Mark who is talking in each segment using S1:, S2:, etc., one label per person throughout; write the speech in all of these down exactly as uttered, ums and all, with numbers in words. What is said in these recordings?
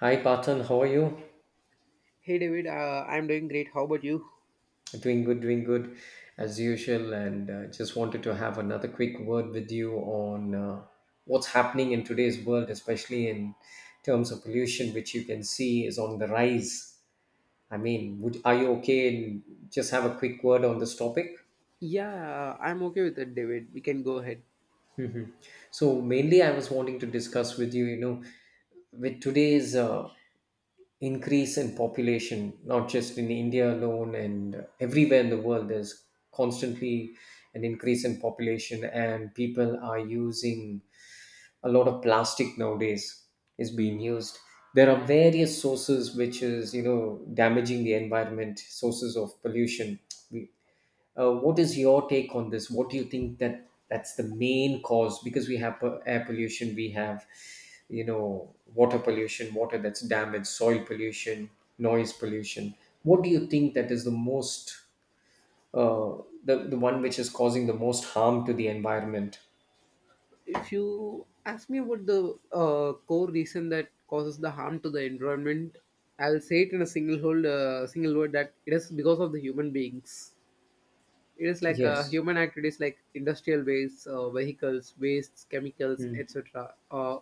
S1: Hi, Patan. How are you?
S2: Hey David, uh, I'm doing great. How about you?
S1: Doing good, doing good as usual. And uh, just wanted to have another quick word with you on uh, what's happening in today's world, especially in terms of pollution, which you can see is on the rise. I mean, would are you okay? And just have a quick word on this topic.
S2: Yeah, I'm okay with it, David. We can go ahead.
S1: Hmm So mainly, I was wanting to discuss with you. You know, with today's uh, increase in population, not just in India alone and everywhere in the world, there's constantly an increase in population, and people are using a lot of plastic nowadays is being used. There are various sources which is you know damaging the environment, sources of pollution. We, uh, what is your take on this? What do you think that that's the main cause? Because we have uh, air pollution, we have, you know, water pollution, water that's damaged, soil pollution, noise pollution. What do you think that is the most, uh, the, the one which is causing the most harm to the environment?
S2: If you ask me about the uh, core reason that causes the harm to the environment, I'll say it in a single hold, uh, single word that it is because of the human beings. It is like a
S1: Yes.
S2: human activities like industrial waste, uh, vehicles, wastes, chemicals,
S1: Mm.
S2: et cetera. Uh,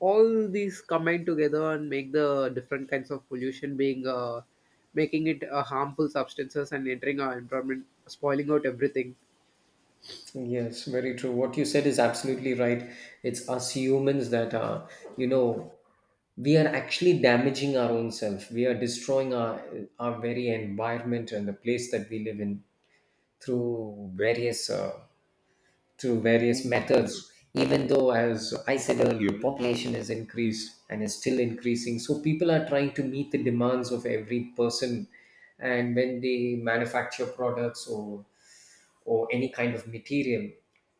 S2: All these combine together and make the different kinds of pollution being uh, making it uh, harmful substances and entering our environment, spoiling out everything.
S1: Yes, very true. What you said is absolutely right. It's us humans that are, you know, we are actually damaging our own self. We are destroying our our very environment and the place that we live in through various uh, through various methods. Even though, as I said earlier, population has increased and is still increasing, so people are trying to meet the demands of every person. And when they manufacture products or or any kind of material.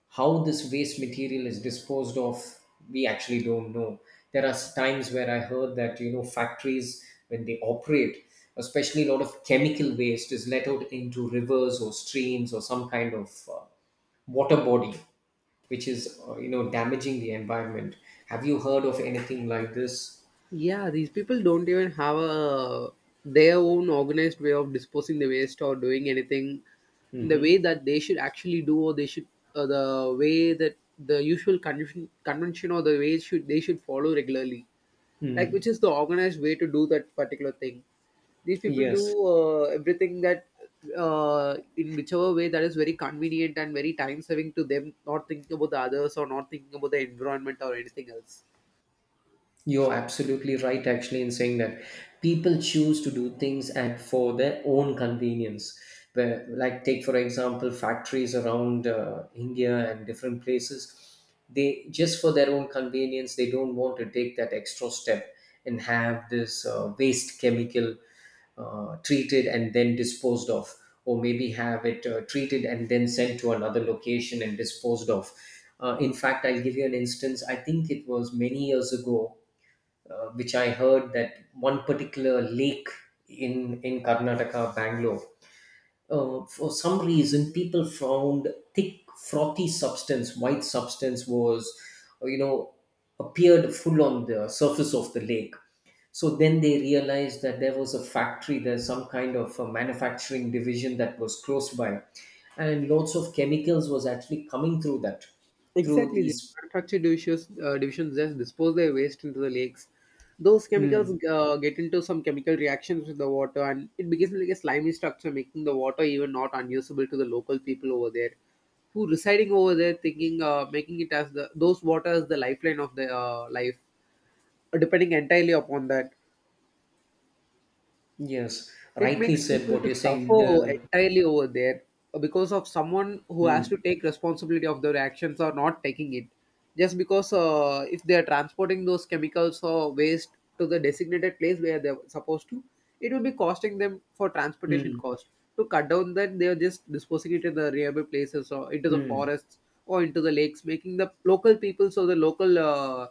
S1: How this waste material is disposed of, we actually don't know. There are times where I heard that, you know, factories, when they operate, especially a lot of chemical waste is let out into rivers or streams or some kind of uh, water body, which is, uh, you know, damaging the environment. Have you heard of anything like this?
S2: Yeah, these people don't even have a their own organized way of disposing the waste or doing anything in the
S1: Hmm
S2: way that they should actually do, or they should uh, the way that the usual convention convention or the way should they should follow regularly, like
S1: hmm
S2: which is the organized way to do that particular thing. These people do
S1: Yes.
S2: uh, everything that uh, in whichever way that is very convenient and very time saving to them, not thinking about the others or not thinking about the environment or anything else.
S1: You're absolutely right, actually, in saying that people choose to do things and for their own convenience. Where, like, take for example, factories around uh, India and different places, they just for their own convenience, they don't want to take that extra step and have this uh, waste chemical uh, treated and then disposed of, or maybe have it uh, treated and then sent to another location and disposed of. Uh, in fact, I'll give you an instance. I think it was many years ago uh, which I heard that one particular lake in in Karnataka, Bangalore, uh, for some reason people found thick frothy substance, white substance was, uh, you know, appeared full on the surface of the lake. So then they realized that there was a factory, there's some kind of a manufacturing division that was close by, and lots of chemicals was actually coming through that, through
S2: Exactly, the
S1: these.
S2: manufacture divisions, uh, divisions just dispose their waste into the lakes. Those chemicals
S1: Hmm.
S2: uh, get into some chemical reactions with the water, and it becomes like a slimy structure, making the water even not unusable to the local people over there, who residing over there, thinking, uh, making it as the those water as the lifeline of the uh, life, uh, depending entirely upon that.
S1: Yes,
S2: It
S1: rightly
S2: makes
S1: said
S2: people
S1: what
S2: to
S1: you're saying.
S2: suffer
S1: The
S2: entirely over there uh, because of someone who has
S1: Mm,
S2: to take responsibility of their actions or not taking it just because uh, if they are transporting those chemicals or waste to the designated place where they're supposed to, it will be costing them for transportation
S1: mm,
S2: cost to cut down that they are just disposing it in the nearby places or into the
S1: mm.
S2: forests or into the lakes making the local people so the local uh,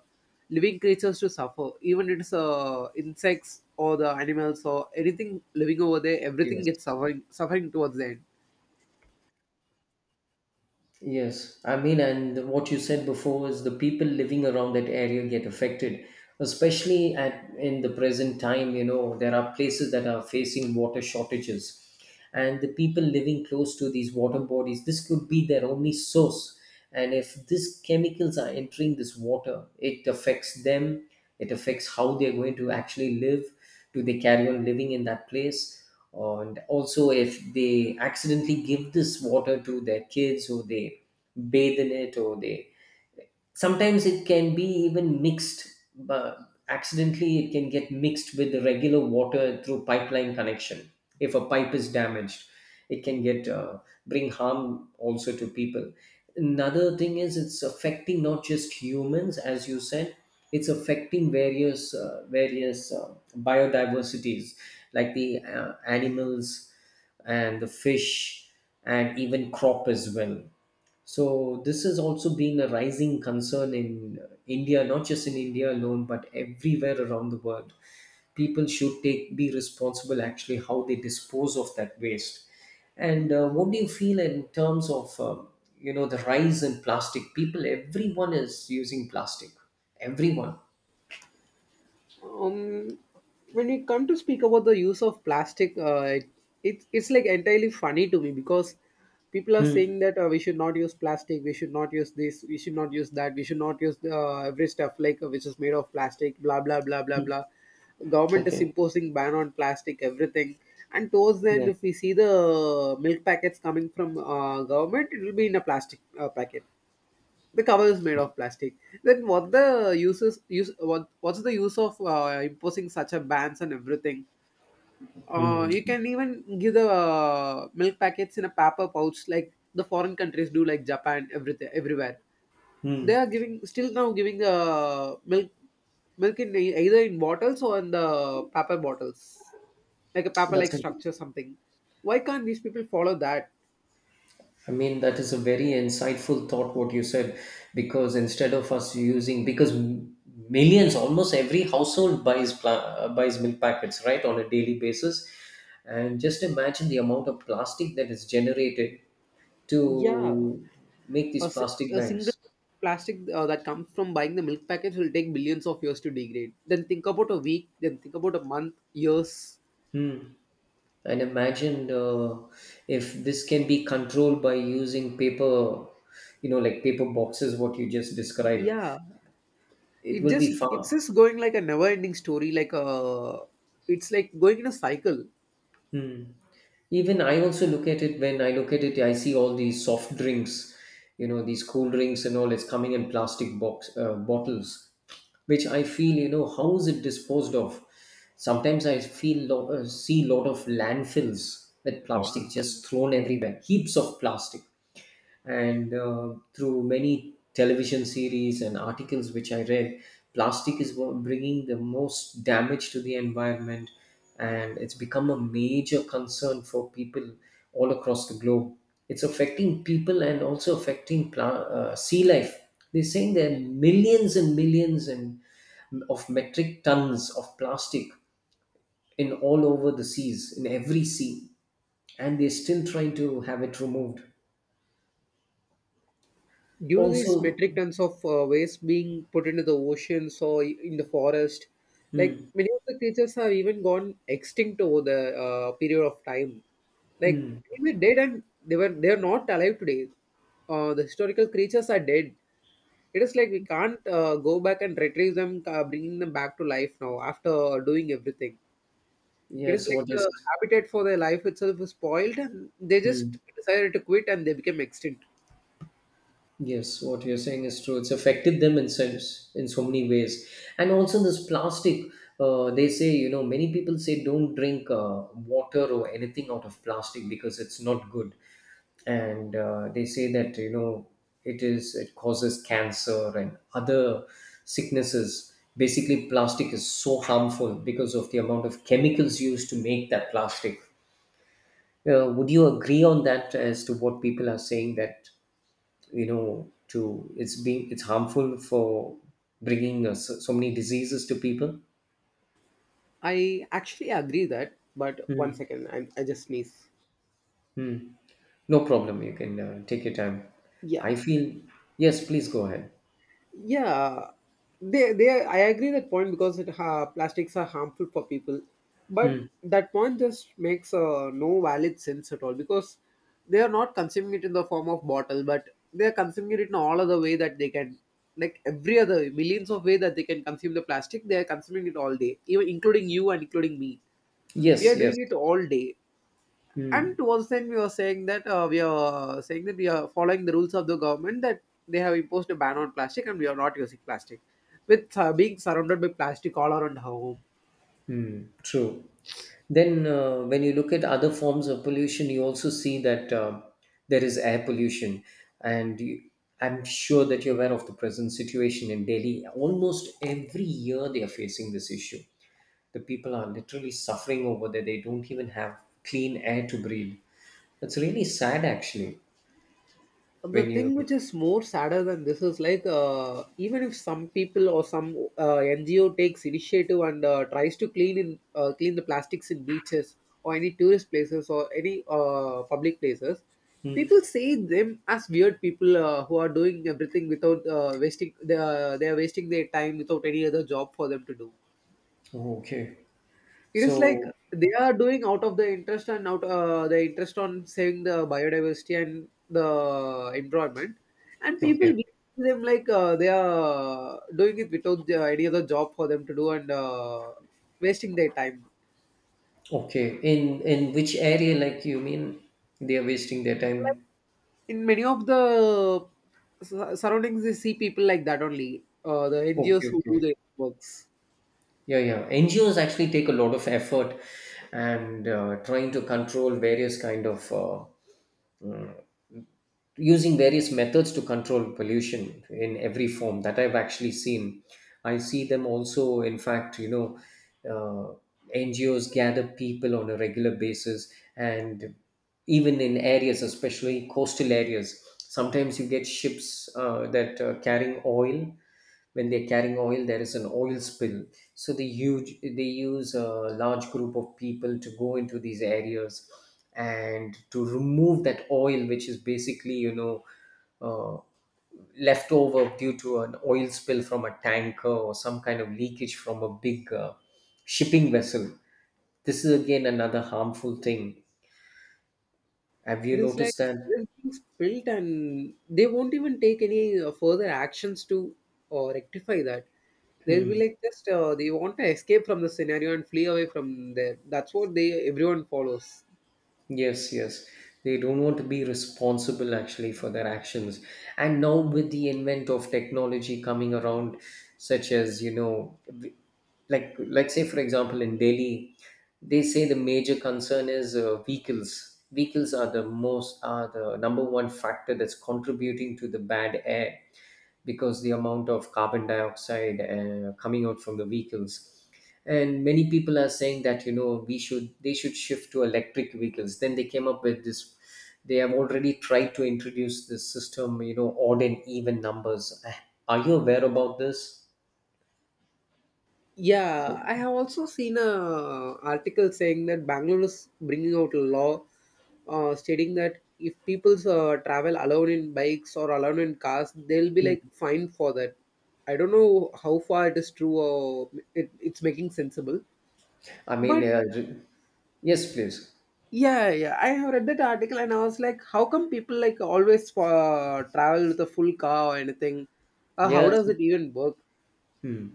S2: living creatures to suffer even it's uh, insects or the animals or anything living over there everything
S1: Yes,
S2: gets suffering suffering towards the end.
S1: yes. I mean, and what you said before is the people living around that area get affected, especially at in the present time. You know, there are places that are facing water shortages, and the people living close to these water bodies, this could be their only source. And if these chemicals are entering this water, it affects them. It affects how they're going to actually live. Do they carry on living in that place? And also, if they accidentally give this water to their kids, or they bathe in it, or they sometimes it can be even mixed, but accidentally it can get mixed with the regular water through pipeline connection. If a pipe is damaged, it can get uh, bring harm also to people. Another thing is it's affecting not just humans, as you said, it's affecting various uh, various uh, biodiversities, like the uh, animals and the fish and even crop as well. So this has also been a rising concern in India, not just in India alone, but everywhere around the world. People should take be responsible actually how they dispose of that waste. And uh, what do you feel in terms of um, you know the rise in plastic? People, everyone is using plastic. Everyone.
S2: um, when we come to speak about the use of plastic, uh, it's it's like entirely funny to me because people are
S1: Hmm.
S2: saying that uh, we should not use plastic, we should not use this, we should not use that, we should not use uh, every stuff like uh, which is made of plastic, blah blah blah blah
S1: Hmm.
S2: blah. Government is
S1: Okay.
S2: imposing ban on plastic, everything. And towards the end,
S1: Yeah.
S2: if we see the milk packets coming from uh, government, it will be in a plastic uh, packet. The cover is made of plastic. Then what the uses use what what's the use of uh, imposing such a bans and everything. Uh, you can even give the uh, milk packets in a paper pouch like the foreign countries do, like Japan, everything everywhere. They
S1: Hmm.
S2: are giving still now giving the milk milk in ei- either in bottles or in the paper bottles, like a paper
S1: That's
S2: like
S1: it.
S2: structure something. Why can't these people follow that?
S1: I mean, that is a very insightful thought, what you said, because instead of us using, because m- millions, almost every household buys pla- uh, buys milk packets, right, on a daily basis, and just imagine the amount of plastic that is generated
S2: Yeah,
S1: to make these
S2: A, si-
S1: plastic
S2: a single
S1: bags.
S2: plastic uh, that comes from buying the milk package will take billions of years to degrade. Then think about a week, then think about a month, years.
S1: Hmm. And imagine uh, if this can be controlled by using paper, you know, like paper boxes, what you just described.
S2: Yeah,
S1: It
S2: it
S1: will be
S2: just it's
S1: fun.
S2: just going like a never ending story. Like a, it's like going in a cycle.
S1: Hmm. Even I also look at it, when I look at it, I see all these soft drinks, you know, these cool drinks and all. It's coming in plastic box uh, bottles, which I feel, you know, how is it disposed of? Sometimes I feel lo- uh, see lot of landfills with, oh, plastic just thrown everywhere, heaps of plastic, and uh, through many television series and articles which I read, plastic is wo- bringing the most damage to the environment, and it's become a major concern for people all across the globe. It's affecting people and also affecting pla- uh, sea life. They're saying there are millions and millions and mm, of metric tons of plastic in all over the seas, in every sea, and they're still trying to have it removed.
S2: Due to these metric
S1: Also,
S2: tons of uh, waste being put into the oceans or in the forest, like
S1: hmm.
S2: many of the creatures have even gone extinct over the uh, period of time. Like
S1: Hmm.
S2: they were dead and they were they are not alive today. Uh, the historical creatures are dead. It is like we can't uh, go back and retrieve them, uh, bringing them back to life now after doing everything. It is
S1: Yes,
S2: like
S1: what you're
S2: the
S1: s-
S2: habitat for their life itself is spoiled, and they
S1: hmm.
S2: just decided to quit and they became extinct.
S1: Yes, what you're saying is true. It's affected them in sense in so many ways, and also this plastic. Uh, they say, you know, many people say don't drink uh, water or anything out of plastic because it's not good, and uh, they say that, you know, it is it causes cancer and other sicknesses. Basically, plastic is so harmful because of the amount of chemicals used to make that plastic. Uh, would you agree on that as to what people are saying that? You know, to it's being it's harmful for bringing uh, so, so many diseases to people.
S2: I actually agree that, but one
S1: Mm.
S2: second, I, I just sneeze.
S1: Mm. No problem, you can uh, take your time.
S2: Yeah,
S1: I feel, yes, please go ahead.
S2: yeah, they they I agree that point because it ha, plastics are harmful for people, but
S1: Mm.
S2: that point just makes uh, no valid sense at all because they are not consuming it in the form of bottle, but they are consuming it in all other way that they can, like every other millions of way that they can consume the plastic. They are consuming it all day, even including you and including me. We are
S1: Yes, yes.
S2: doing it all day, and
S1: Mm.
S2: towards the end we were saying that uh, we are saying that we are following the rules of the government that they have imposed a ban on plastic and we are not using plastic with uh, being surrounded by plastic all around our home.
S1: True. Then uh, when you look at other forms of pollution, you also see that uh, there is air pollution, and you, I'm sure that you're aware of the present situation in Delhi. Almost every year they are facing this issue. The people are literally suffering over there. They don't even have clean air to breathe. It's really sad, actually,
S2: The
S1: when you
S2: thing which
S1: look.
S2: is more sadder than this is like uh, even if some people or some uh, N G O takes initiative and uh, tries to clean in uh, clean the plastics in beaches or any tourist places or any uh, public places,
S1: Hmm.
S2: people see them as weird people uh, who are doing everything without uh, wasting they are, they are wasting their time without any other job for them to do.
S1: Oh, okay.
S2: It is like
S1: So,
S2: they are doing out of the interest and out uh, the interest on saving the biodiversity and the environment, and people
S1: okay,
S2: we see them like uh, they are doing it without the idea of the job for them to do and uh, wasting their time.
S1: okay. In in which area, like you mean, they are wasting their time?
S2: In many of the s- surroundings, we see people like that only. Uh, the N G Os
S1: Okay,
S2: who do
S1: okay.
S2: their works.
S1: Yeah, yeah. N G Os actually take a lot of effort and uh, trying to control various kind of uh, using various methods to control pollution in every form that I've actually seen. I see them also, in fact, you know, uh, N G Os gather people on a regular basis, and even in areas, especially coastal areas, sometimes you get ships uh, that are carrying oil. When they're carrying oil, there is an oil spill, so they huge they use a large group of people to go into these areas and to remove that oil, which is basically, you know, uh, left over due to an oil spill from a tanker or some kind of leakage from a big uh, shipping vessel. This is again another harmful thing. Have you
S2: It is like
S1: noticed that?
S2: it is being spilt, and they won't even take any uh, further actions to uh, rectify that. They'll be
S1: Hmm.
S2: like just uh, they want to escape from the scenario and flee away from there. That's what they everyone follows.
S1: Yes, yes. They don't want to be responsible actually for their actions. And now with the invent of technology coming around, such as, you know, like let's say for example in Delhi, they say the major concern is uh, vehicles vehicles are the most are the number one factor that's contributing to the bad air, because the amount of carbon dioxide uh, coming out from the vehicles. And many people are saying that, you know, we should they should shift to electric vehicles. Then they came up with this, they have already tried to introduce this system, you know, odd and even numbers. Uh, are you aware about this?
S2: Yeah, I have also seen a uh, article saying that Bangalore is bringing out a law uh, stating that if people uh, travel alone in bikes or alone in cars, they'll be like fined for that. I don't know how far it is true or it, it's making sensible.
S1: I mean,
S2: But
S1: uh, j- yes, please.
S2: yeah, yeah, I have read that article and I was like, how come people like always uh, travel with a full car or anything? Uh, how
S1: Yeah,
S2: does
S1: it's,
S2: it even work?
S1: hmm.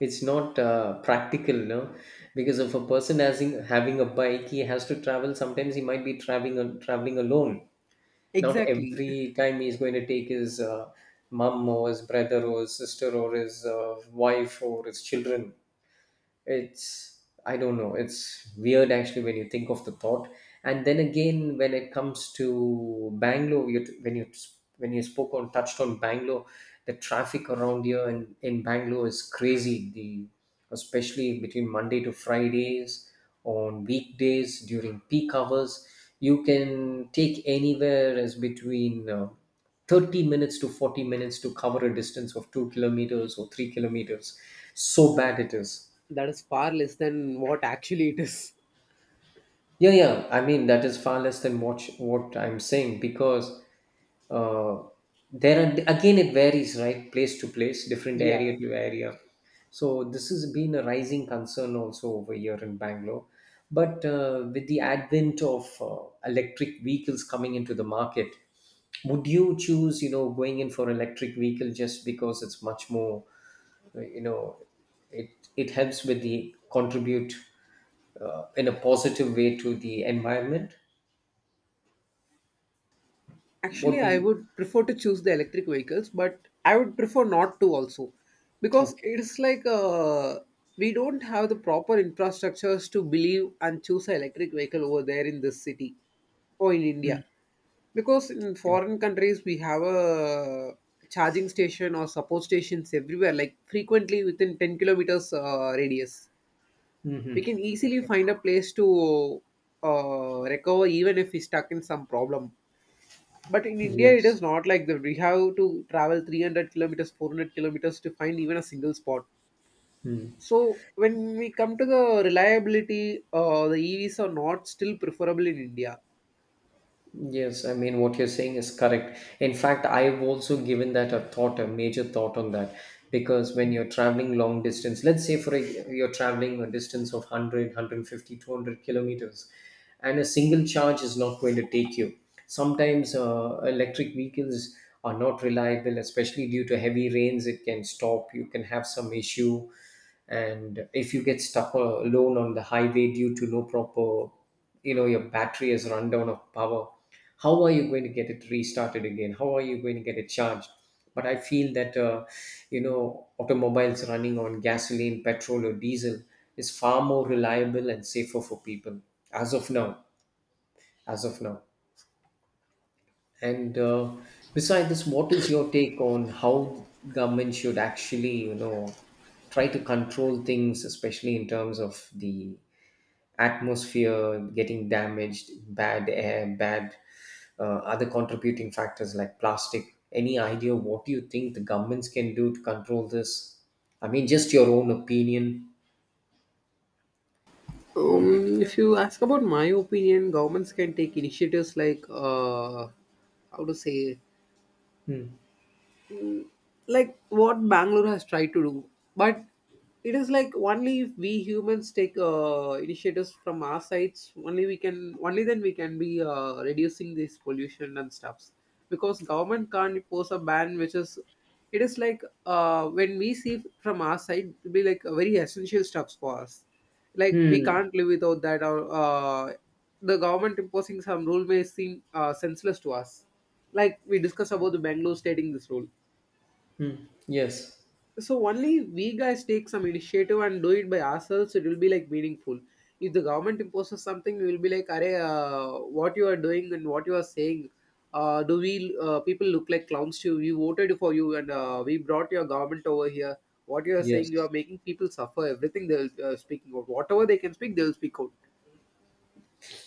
S1: It's not uh, practical, no, because if a person having having a bike, he has to travel. Sometimes he might be traveling al- traveling alone. Not
S2: Exactly.
S1: every time he's going to take his uh, mom or his brother or his sister or his uh, wife or his children. It's, I don't know, it's weird actually when you think of the thought. And then again when it comes to Bangalore, you, when you when you spoke on touched on Bangalore, the traffic around here in, in Bangalore is crazy. The Especially between Monday to Fridays, on weekdays during peak hours, you can take anywhere as between uh, thirty minutes to forty minutes to cover a distance of two kilometers or three kilometers. So bad it is.
S2: That is far less than what actually it is.
S1: Yeah, yeah. I mean, that is far less than what sh- what I'm saying because uh, there are again it varies, right? Place to place, different area
S2: Yeah.
S1: to area. So this has been a rising concern also over here in Bangalore. But uh, with the advent of uh, electric vehicles coming into the market, would you choose, you know, going in for electric vehicle just because it's much more you know it it helps with the contribute uh, in a positive way to the environment.
S2: Actually,
S1: What do
S2: I
S1: you?
S2: would prefer to choose the electric vehicles, but I would prefer not to also because
S1: Okay.
S2: it's like uh, we don't have the proper infrastructures to believe and choose an electric vehicle over there in this city or in India.
S1: Mm-hmm.
S2: Because in
S1: Okay.
S2: foreign countries, we have a charging station or support stations everywhere, like frequently within ten kilometers uh, radius. We can
S1: Mhm.
S2: easily
S1: Okay.
S2: find a place to uh, recover even if we stuck in some problem. But in India, it is
S1: Yes.
S2: not like that. We have to travel three hundred kilometers, four hundred kilometers to find even a single spot. So when we come to the reliability, uh, the E Vs are not still preferable in India.
S1: Yes, I mean, what you're saying is correct. In fact, I've also given that a thought, a major thought on that. Because when you're traveling long distance, let's say for a, you're traveling a distance of one hundred kilometers, and a single charge is not going to take you. Sometimes uh, electric vehicles are not reliable, especially due to heavy rains. It can stop, you can have some issue. And if you get stuck uh, alone on the highway due to no proper, you know, your battery has run down of power, how are you going to get it restarted again, how are you going to get it charged? But I feel that uh, you know, automobiles running on gasoline, petrol or diesel is far more reliable and safer for people as of now, as of now. And uh, beside this, what is your take on how government should actually, you know, try to control things, especially in terms of the atmosphere getting damaged, bad air, bad, uh, other contributing factors like plastic. Any idea what you think the governments can do to control this? I mean, just your own opinion. What? do-
S2: Um, if you ask about my opinion, governments can take initiatives like uh, how to say
S1: Hmm.
S2: mm, like what Bangalore has tried to do. But it is like only if we humans take uh, initiatives from our sides, only we can, only then we can be uh, reducing this pollution and stuffs. Because government can't impose a ban, which is, it is like uh, when we see from our side, it be like very essential stuffs for us. Like we
S1: Hmm.
S2: can't live without that. Or uh, The government imposing some rule may seem uh, senseless to us. Like we discussed about the Bangalore stating this rule.
S1: Hmm. Yes.
S2: So only we guys take some initiative and do it by ourselves it will be like meaningful. If the government imposes something we will be like "Arey, uh, what you are doing and what you are saying, uh, do we uh, people look like clowns to you? We voted for you and uh, we brought your government over here. What you are saying, you are
S1: Yes.
S2: making people suffer everything," they will uh, speaking out whatever they can speak they will speak out.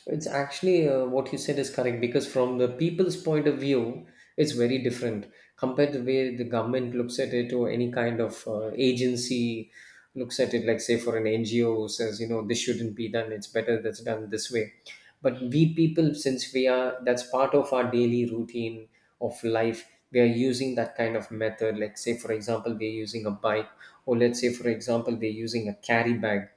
S1: It's actually, uh, what you said is correct because from the people's point of view, it's very different compared to the way the government looks at it or any kind of uh, agency looks at it. Like say for an N G O says, you know, this shouldn't be done. It's better that's done this way. But we people, since we are that's part of our daily routine of life, we are using that kind of method. Like say for example, we're using a bike, or let's say for example, we're using a carry bag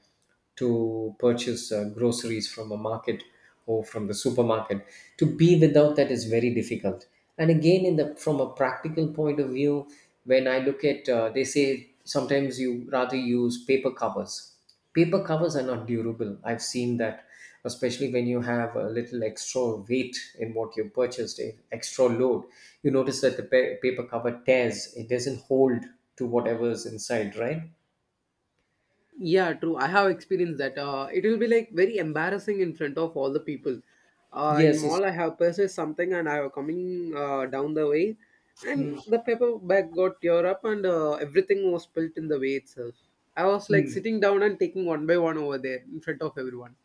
S1: to purchase uh, groceries from a market or from the supermarket. To be without that is very difficult. And again, in the from a practical point of view, when I look at uh, they say sometimes you rather use paper covers. Paper covers are not durable, I've seen that, especially when you have a little extra weight in what you purchased, eh, extra load, you notice that the pa- paper cover tears, it doesn't hold to whatever is inside, right?
S2: Yeah, true. I have experienced that. Uh, it will be like very embarrassing in front of all the people. Uh, in
S1: Yes, it's,
S2: mall, I have purchased something and I was coming uh, down the way, and
S1: mm.
S2: the paper bag got tear up and uh, everything was spilt in the way itself. I was like sitting down and taking one by one over there in front of everyone.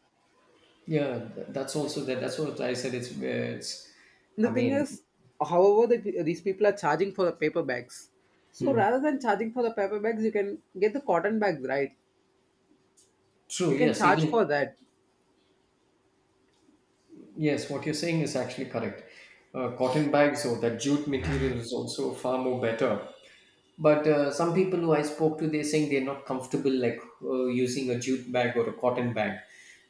S1: Yeah, th- that's also that. That's what I said. It's it's. I
S2: The thing
S1: mean,
S2: is, however, the, these people are charging for the paper bags. So rather
S1: hmm,
S2: than charging for the paper bags, you can get the cotton bags, right? You
S1: true.
S2: can
S1: Yes,
S2: charge
S1: even,
S2: for that.
S1: yes, what you're saying is actually correct. Uh, cotton bags or that jute material is also far more better. But uh, some people who I spoke to, they're saying they're not comfortable like uh, using a jute bag or a cotton bag.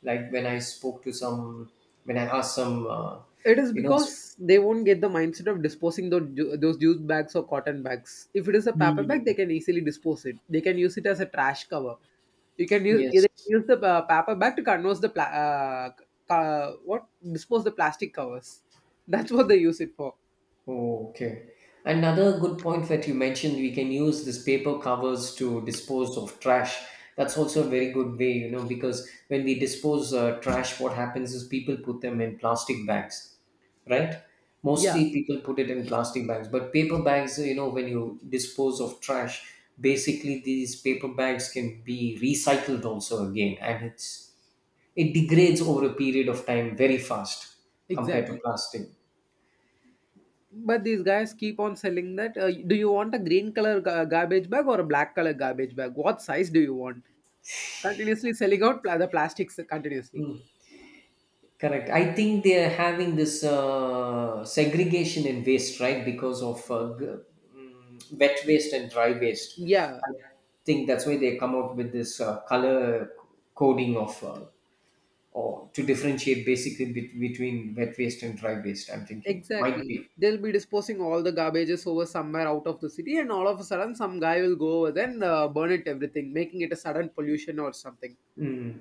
S1: Like when I spoke to some, when I asked some, uh,
S2: It is
S1: you know, s-
S2: because they won't get the mindset of disposing those, ju- those jute bags or cotton bags. If it is a paper
S1: hmm.
S2: bag, they can easily dispose it. They can use it as a trash cover. You can use you
S1: Yes.
S2: can use the uh, paper bag to converse the pla- uh, ca- what dispose the plastic covers. That's what they use it for.
S1: Okay. Another good point that you mentioned, we can use this paper covers to dispose of trash. That's also a very good way, you know, because when we dispose uh, trash, what happens is people put them in plastic bags, right?
S2: Yeah,
S1: Mostly people put it in plastic bags, but paper bags, you know, when you dispose of trash, basically these paper bags can be recycled also again, and it's, it degrades over a period of time very fast compared to
S2: exactly.
S1: plastic.
S2: But these guys keep on selling that. Uh, do you want a green color ga- garbage bag or a black color garbage bag? What size do you want? Continuously selling out pla- the plastics continuously.
S1: Correct. I think they are having this uh, segregation in waste, right? Because of uh, g- mm, wet waste and dry waste.
S2: Yeah,
S1: I think that's why they come out with this uh, color coding of uh, or to differentiate basically bet- between wet waste and dry waste. I'm thinking might
S2: exactly.
S1: be.
S2: They'll be disposing all the garbages over somewhere out of the city, and all of a sudden, some guy will go over there and uh, burn it everything, making it a sudden pollution or something.
S1: Hmm.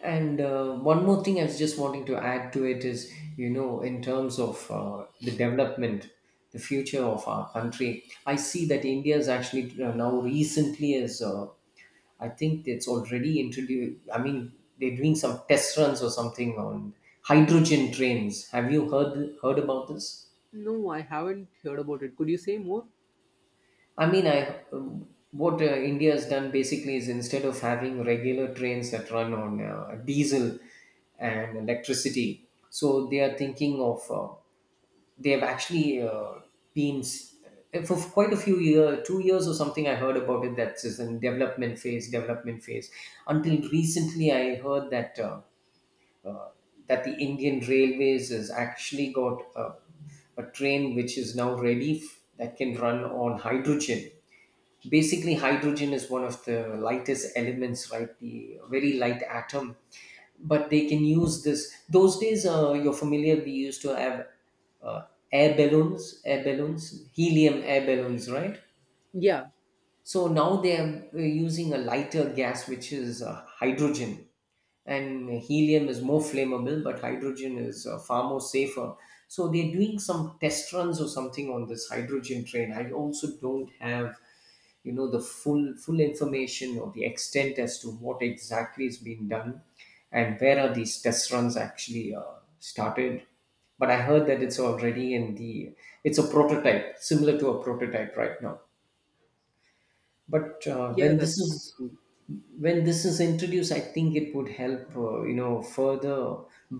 S1: And uh, one more thing I was just wanting to add to it is, you know, in terms of uh, the development, the future of our country, I see that India is actually uh, now recently is, uh, I think it's already introduced, I mean, they're doing some test runs or something on hydrogen trains. Have you heard heard about this?
S2: No, I haven't heard about it. Could you say more?
S1: I mean, I, what uh, India has done basically is instead of having regular trains that run on uh, diesel and electricity, so they are thinking of uh, they have actually uh, been s- uh, for quite a few years, two years or something. I heard about it. That's is in development phase, development phase. Until recently, I heard that uh, that the Indian Railways has actually got a, a train which is now ready f- that can run on hydrogen. Basically hydrogen is one of the lightest elements, right? The very light atom. But they can use this, those days, uh, you're familiar, we used to have uh, air balloons air balloons, helium air balloons, right?
S2: Yeah,
S1: So now they are uh, using a lighter gas which is uh, hydrogen. And helium is more flammable, but hydrogen is uh, far more safer. So they're doing some test runs or something on this hydrogen train. I also don't have, you know, the full full information or the extent as to what exactly is being done and where are these test runs actually uh, started. But I heard that it's already in the, it's a prototype, similar to a prototype right now. But uh,
S2: yeah,
S1: when this
S2: that's
S1: is
S2: true.
S1: when this is introduced, I think it would help, uh, you know, further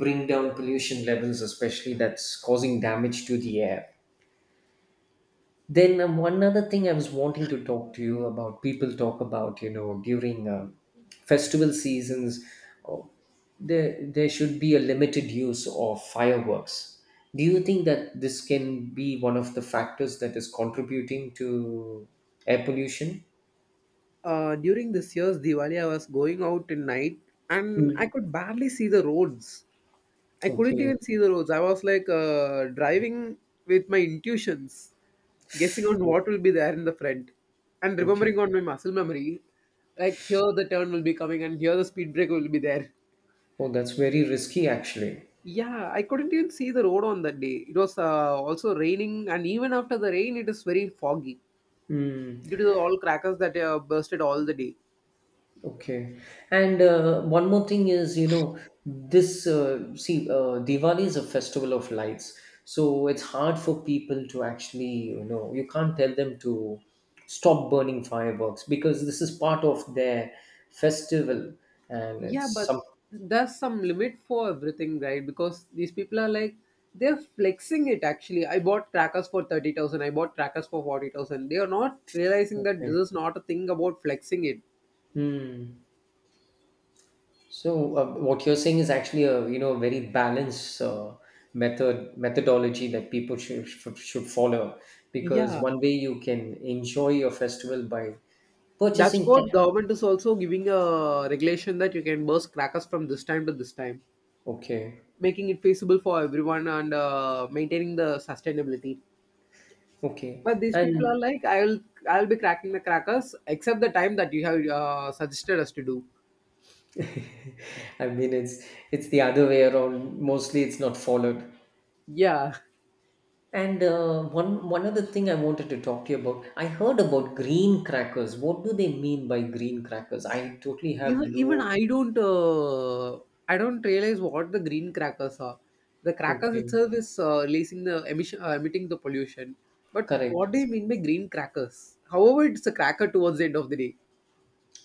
S1: bring down pollution levels, especially that's causing damage to the air. Then um, one other thing I was wanting to talk to you about, people talk about, you know, during uh, festival seasons, oh, there there should be a limited use of fireworks. Do you think that this can be one of the factors that is contributing to air pollution?
S2: Uh, during this year's Diwali, I was going out in night, and I
S1: Mm.
S2: could barely see the roads. I couldn't
S1: Okay.
S2: even see the roads. I was like uh, driving with my intuitions, guessing on
S1: Oh,
S2: what will be there in the front, and
S1: okay.
S2: remembering on my muscle memory, like here the turn will be coming and here the speed break will be there.
S1: Oh, that's very risky, actually.
S2: Yeah, I couldn't even see the road on that day. It was uh, also raining, and even after the rain, it is very foggy
S1: Hmm.
S2: due to the all crackers that uh, bursted all the day.
S1: Okay. And uh, one more thing is, you know, this, uh, see, uh, Diwali is a festival of lights. So it's hard for people to actually, you know, you can't tell them to stop burning fireworks because this is part of their festival, and
S2: Yeah,
S1: it's
S2: but there's some limit for everything, right? Because these people are like they're flexing it actually. I bought crackers for thirty thousand, I bought crackers for forty thousand. They are not realizing that this
S1: something.
S2: is not a thing about flexing it.
S1: Hmm. So uh, what you're saying is actually a, you know, very balanced uh, method methodology that people should, should should follow, because
S2: Yeah.
S1: one way you can enjoy your festival by
S2: That's
S1: purchasing
S2: what
S1: tech.
S2: government is also giving a regulation that you can burst crackers from this time to this time,
S1: Okay,
S2: making it feasible for everyone and uh, maintaining the sustainability.
S1: okay,
S2: But these people are
S1: and
S2: like, I'll I'll be cracking the crackers except the time that you have uh, suggested us to do.
S1: I mean it's it's the other way around. Mostly it's not followed.
S2: Yeah.
S1: And uh, one one other thing I wanted to talk to you about. I heard about green crackers. What do they mean by green crackers? I totally have
S2: Even even
S1: no.
S2: I don't uh, I don't realize what the green crackers are. The crackers
S1: Okay,
S2: itself is uh, releasing the emission uh, emitting the pollution. But
S1: correct.
S2: what do you mean by green crackers? However, it's a cracker towards the end of the day.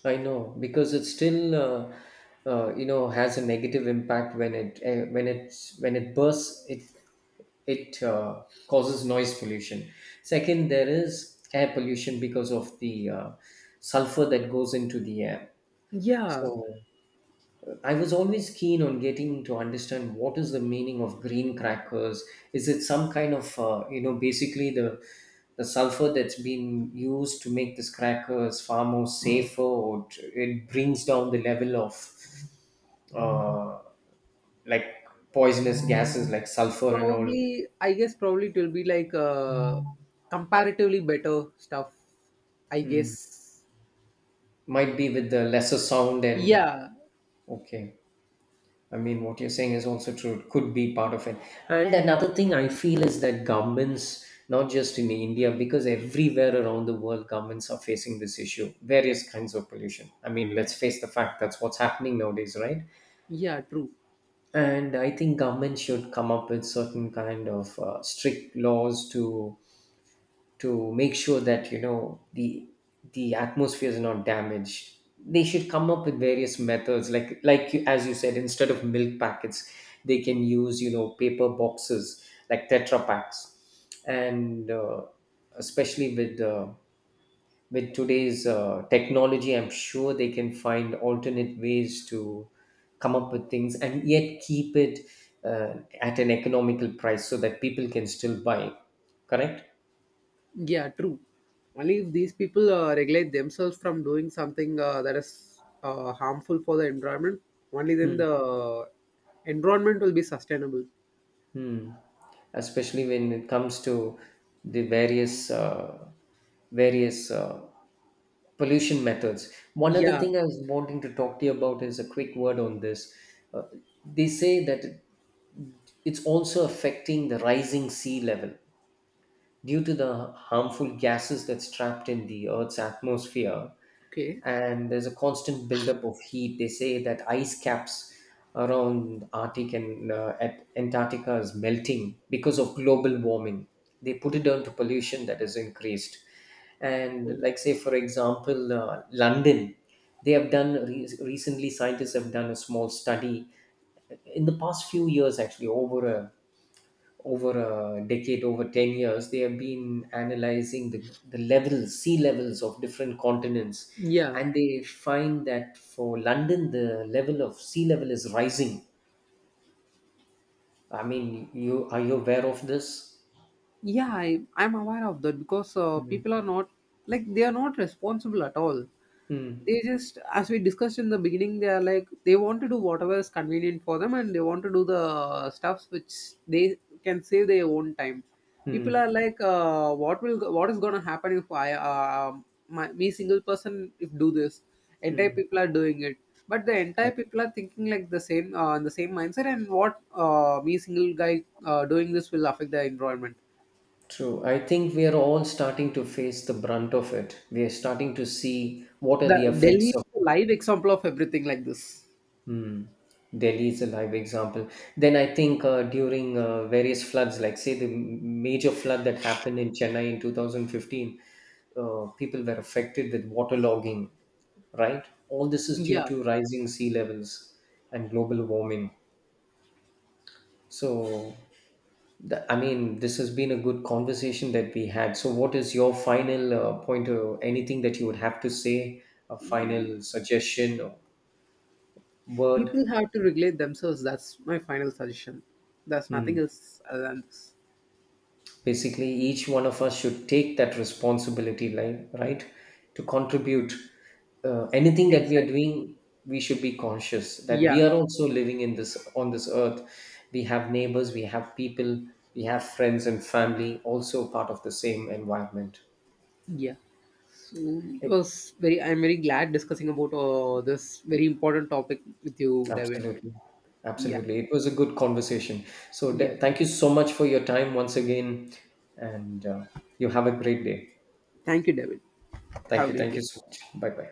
S1: I know because it still, uh, uh, you know, has a negative impact when it uh, when it's when it bursts. It it uh, causes noise pollution. Second, there is air pollution because of the uh, sulfur that goes into the air.
S2: Yeah,
S1: So I was always keen on getting to understand what is the meaning of green crackers. Is it some kind of, uh, you know, basically the the sulfur that's been used to make this crackers far more safer, or t- it brings down the level of uh, like poisonous gases like sulfur and all.
S2: probably. I guess probably it will be like uh, comparatively better stuff. I guess.
S1: Might be with the lesser sound and
S2: Yeah,
S1: okay. I mean, what you're saying is also true. It could be part of it. And another thing I feel is that governments, not just in India, because everywhere around the world, governments are facing this issue, various kinds of pollution. I mean, let's face the fact that's what's happening nowadays, right?
S2: yeah, true.
S1: And I think government should come up with certain kind of uh, strict laws to to make sure that, you know, the the atmosphere is not damaged. They should come up with various methods like like you- as you said, instead of milk packets, they can use, you know, paper boxes like tetra packs. And uh, especially with uh, with today's uh, technology, I'm sure they can find alternate ways to come up with things and yet keep it uh, at an economical price so that people can still buy. Correct.
S2: Yeah, true. Only if these people uh, regulate themselves from doing something uh, that is uh, harmful for the environment, only then the environment will be sustainable.
S1: Hmm. Especially when it comes to the various uh, various uh, pollution methods. One other
S2: Yeah.
S1: thing I was wanting to talk to you about is a quick word on this. Uh, they say that it's also affecting the rising sea level due to the harmful gases that's trapped in the Earth's atmosphere,
S2: Okay.
S1: and there's a constant buildup of heat. They say that ice caps around Arctic and uh, at Antarctica is melting because of global warming. They put it down to pollution that is increased. And like say, for example, uh, London, they have done re- recently. Scientists have done a small study in the past few years, actually over a, over a decade, over ten years, they have been analyzing the, the levels, sea levels of different continents.
S2: Yeah.
S1: And they find that for London, the level of sea level is rising. I mean, you are, you aware of this?
S2: Yeah, I, i'm aware of that because uh,
S1: Mm,
S2: people are not, like, they are not responsible at all.
S1: mm,
S2: They just, as we discussed in the beginning, they are like they want to do whatever is convenient for them, and they want to do the stuffs which they can save their own time. People are
S1: mm,
S2: like, uh, what will, what is going to happen if i uh, my, me single person if do this, entire
S1: mm.
S2: people are doing it. But the entire
S1: Right.
S2: people are thinking like the same uh, the same mindset, and what, uh, me single guy uh, doing this will affect the environment.
S1: True. I think we are all starting to face the brunt of it. We are starting to see what are the
S2: The Delhi
S1: effects
S2: is
S1: of,
S2: a live example of everything like this.
S1: hmm, Delhi is a live example. Then I think uh, during uh, various floods, like say the m- major flood that happened in Chennai in two thousand fifteen, uh, people were affected with waterlogging, right? All this is due
S2: Yeah,
S1: to rising sea levels and global warming. So, th- I mean, this has been a good conversation that we had. So, what is your final uh, point or anything that you would have to say, a final suggestion or word?
S2: people have to regulate themselves. That's my final suggestion. There's
S1: Hmm.
S2: nothing else other than this.
S1: Basically each one of us should take that responsibility, like right, to contribute uh, anything that we are
S2: Exactly.
S1: doing. We should be conscious that we
S2: Yeah,
S1: are also living in this, on this earth. We have neighbors, we have people, we have friends and family, also part of the same environment.
S2: yeah. So it
S1: It-
S2: was very. I'm very glad discussing about uh, this very important topic with you, David.
S1: Absolutely,
S2: Yeah,
S1: absolutely it was a good conversation. So
S2: yeah.
S1: th- thank you so much for your time once again. And uh, you have a great day.
S2: Thank you, David. Have
S1: Thank
S2: a
S1: you,
S2: great
S1: thank you
S2: day.
S1: so much, bye bye.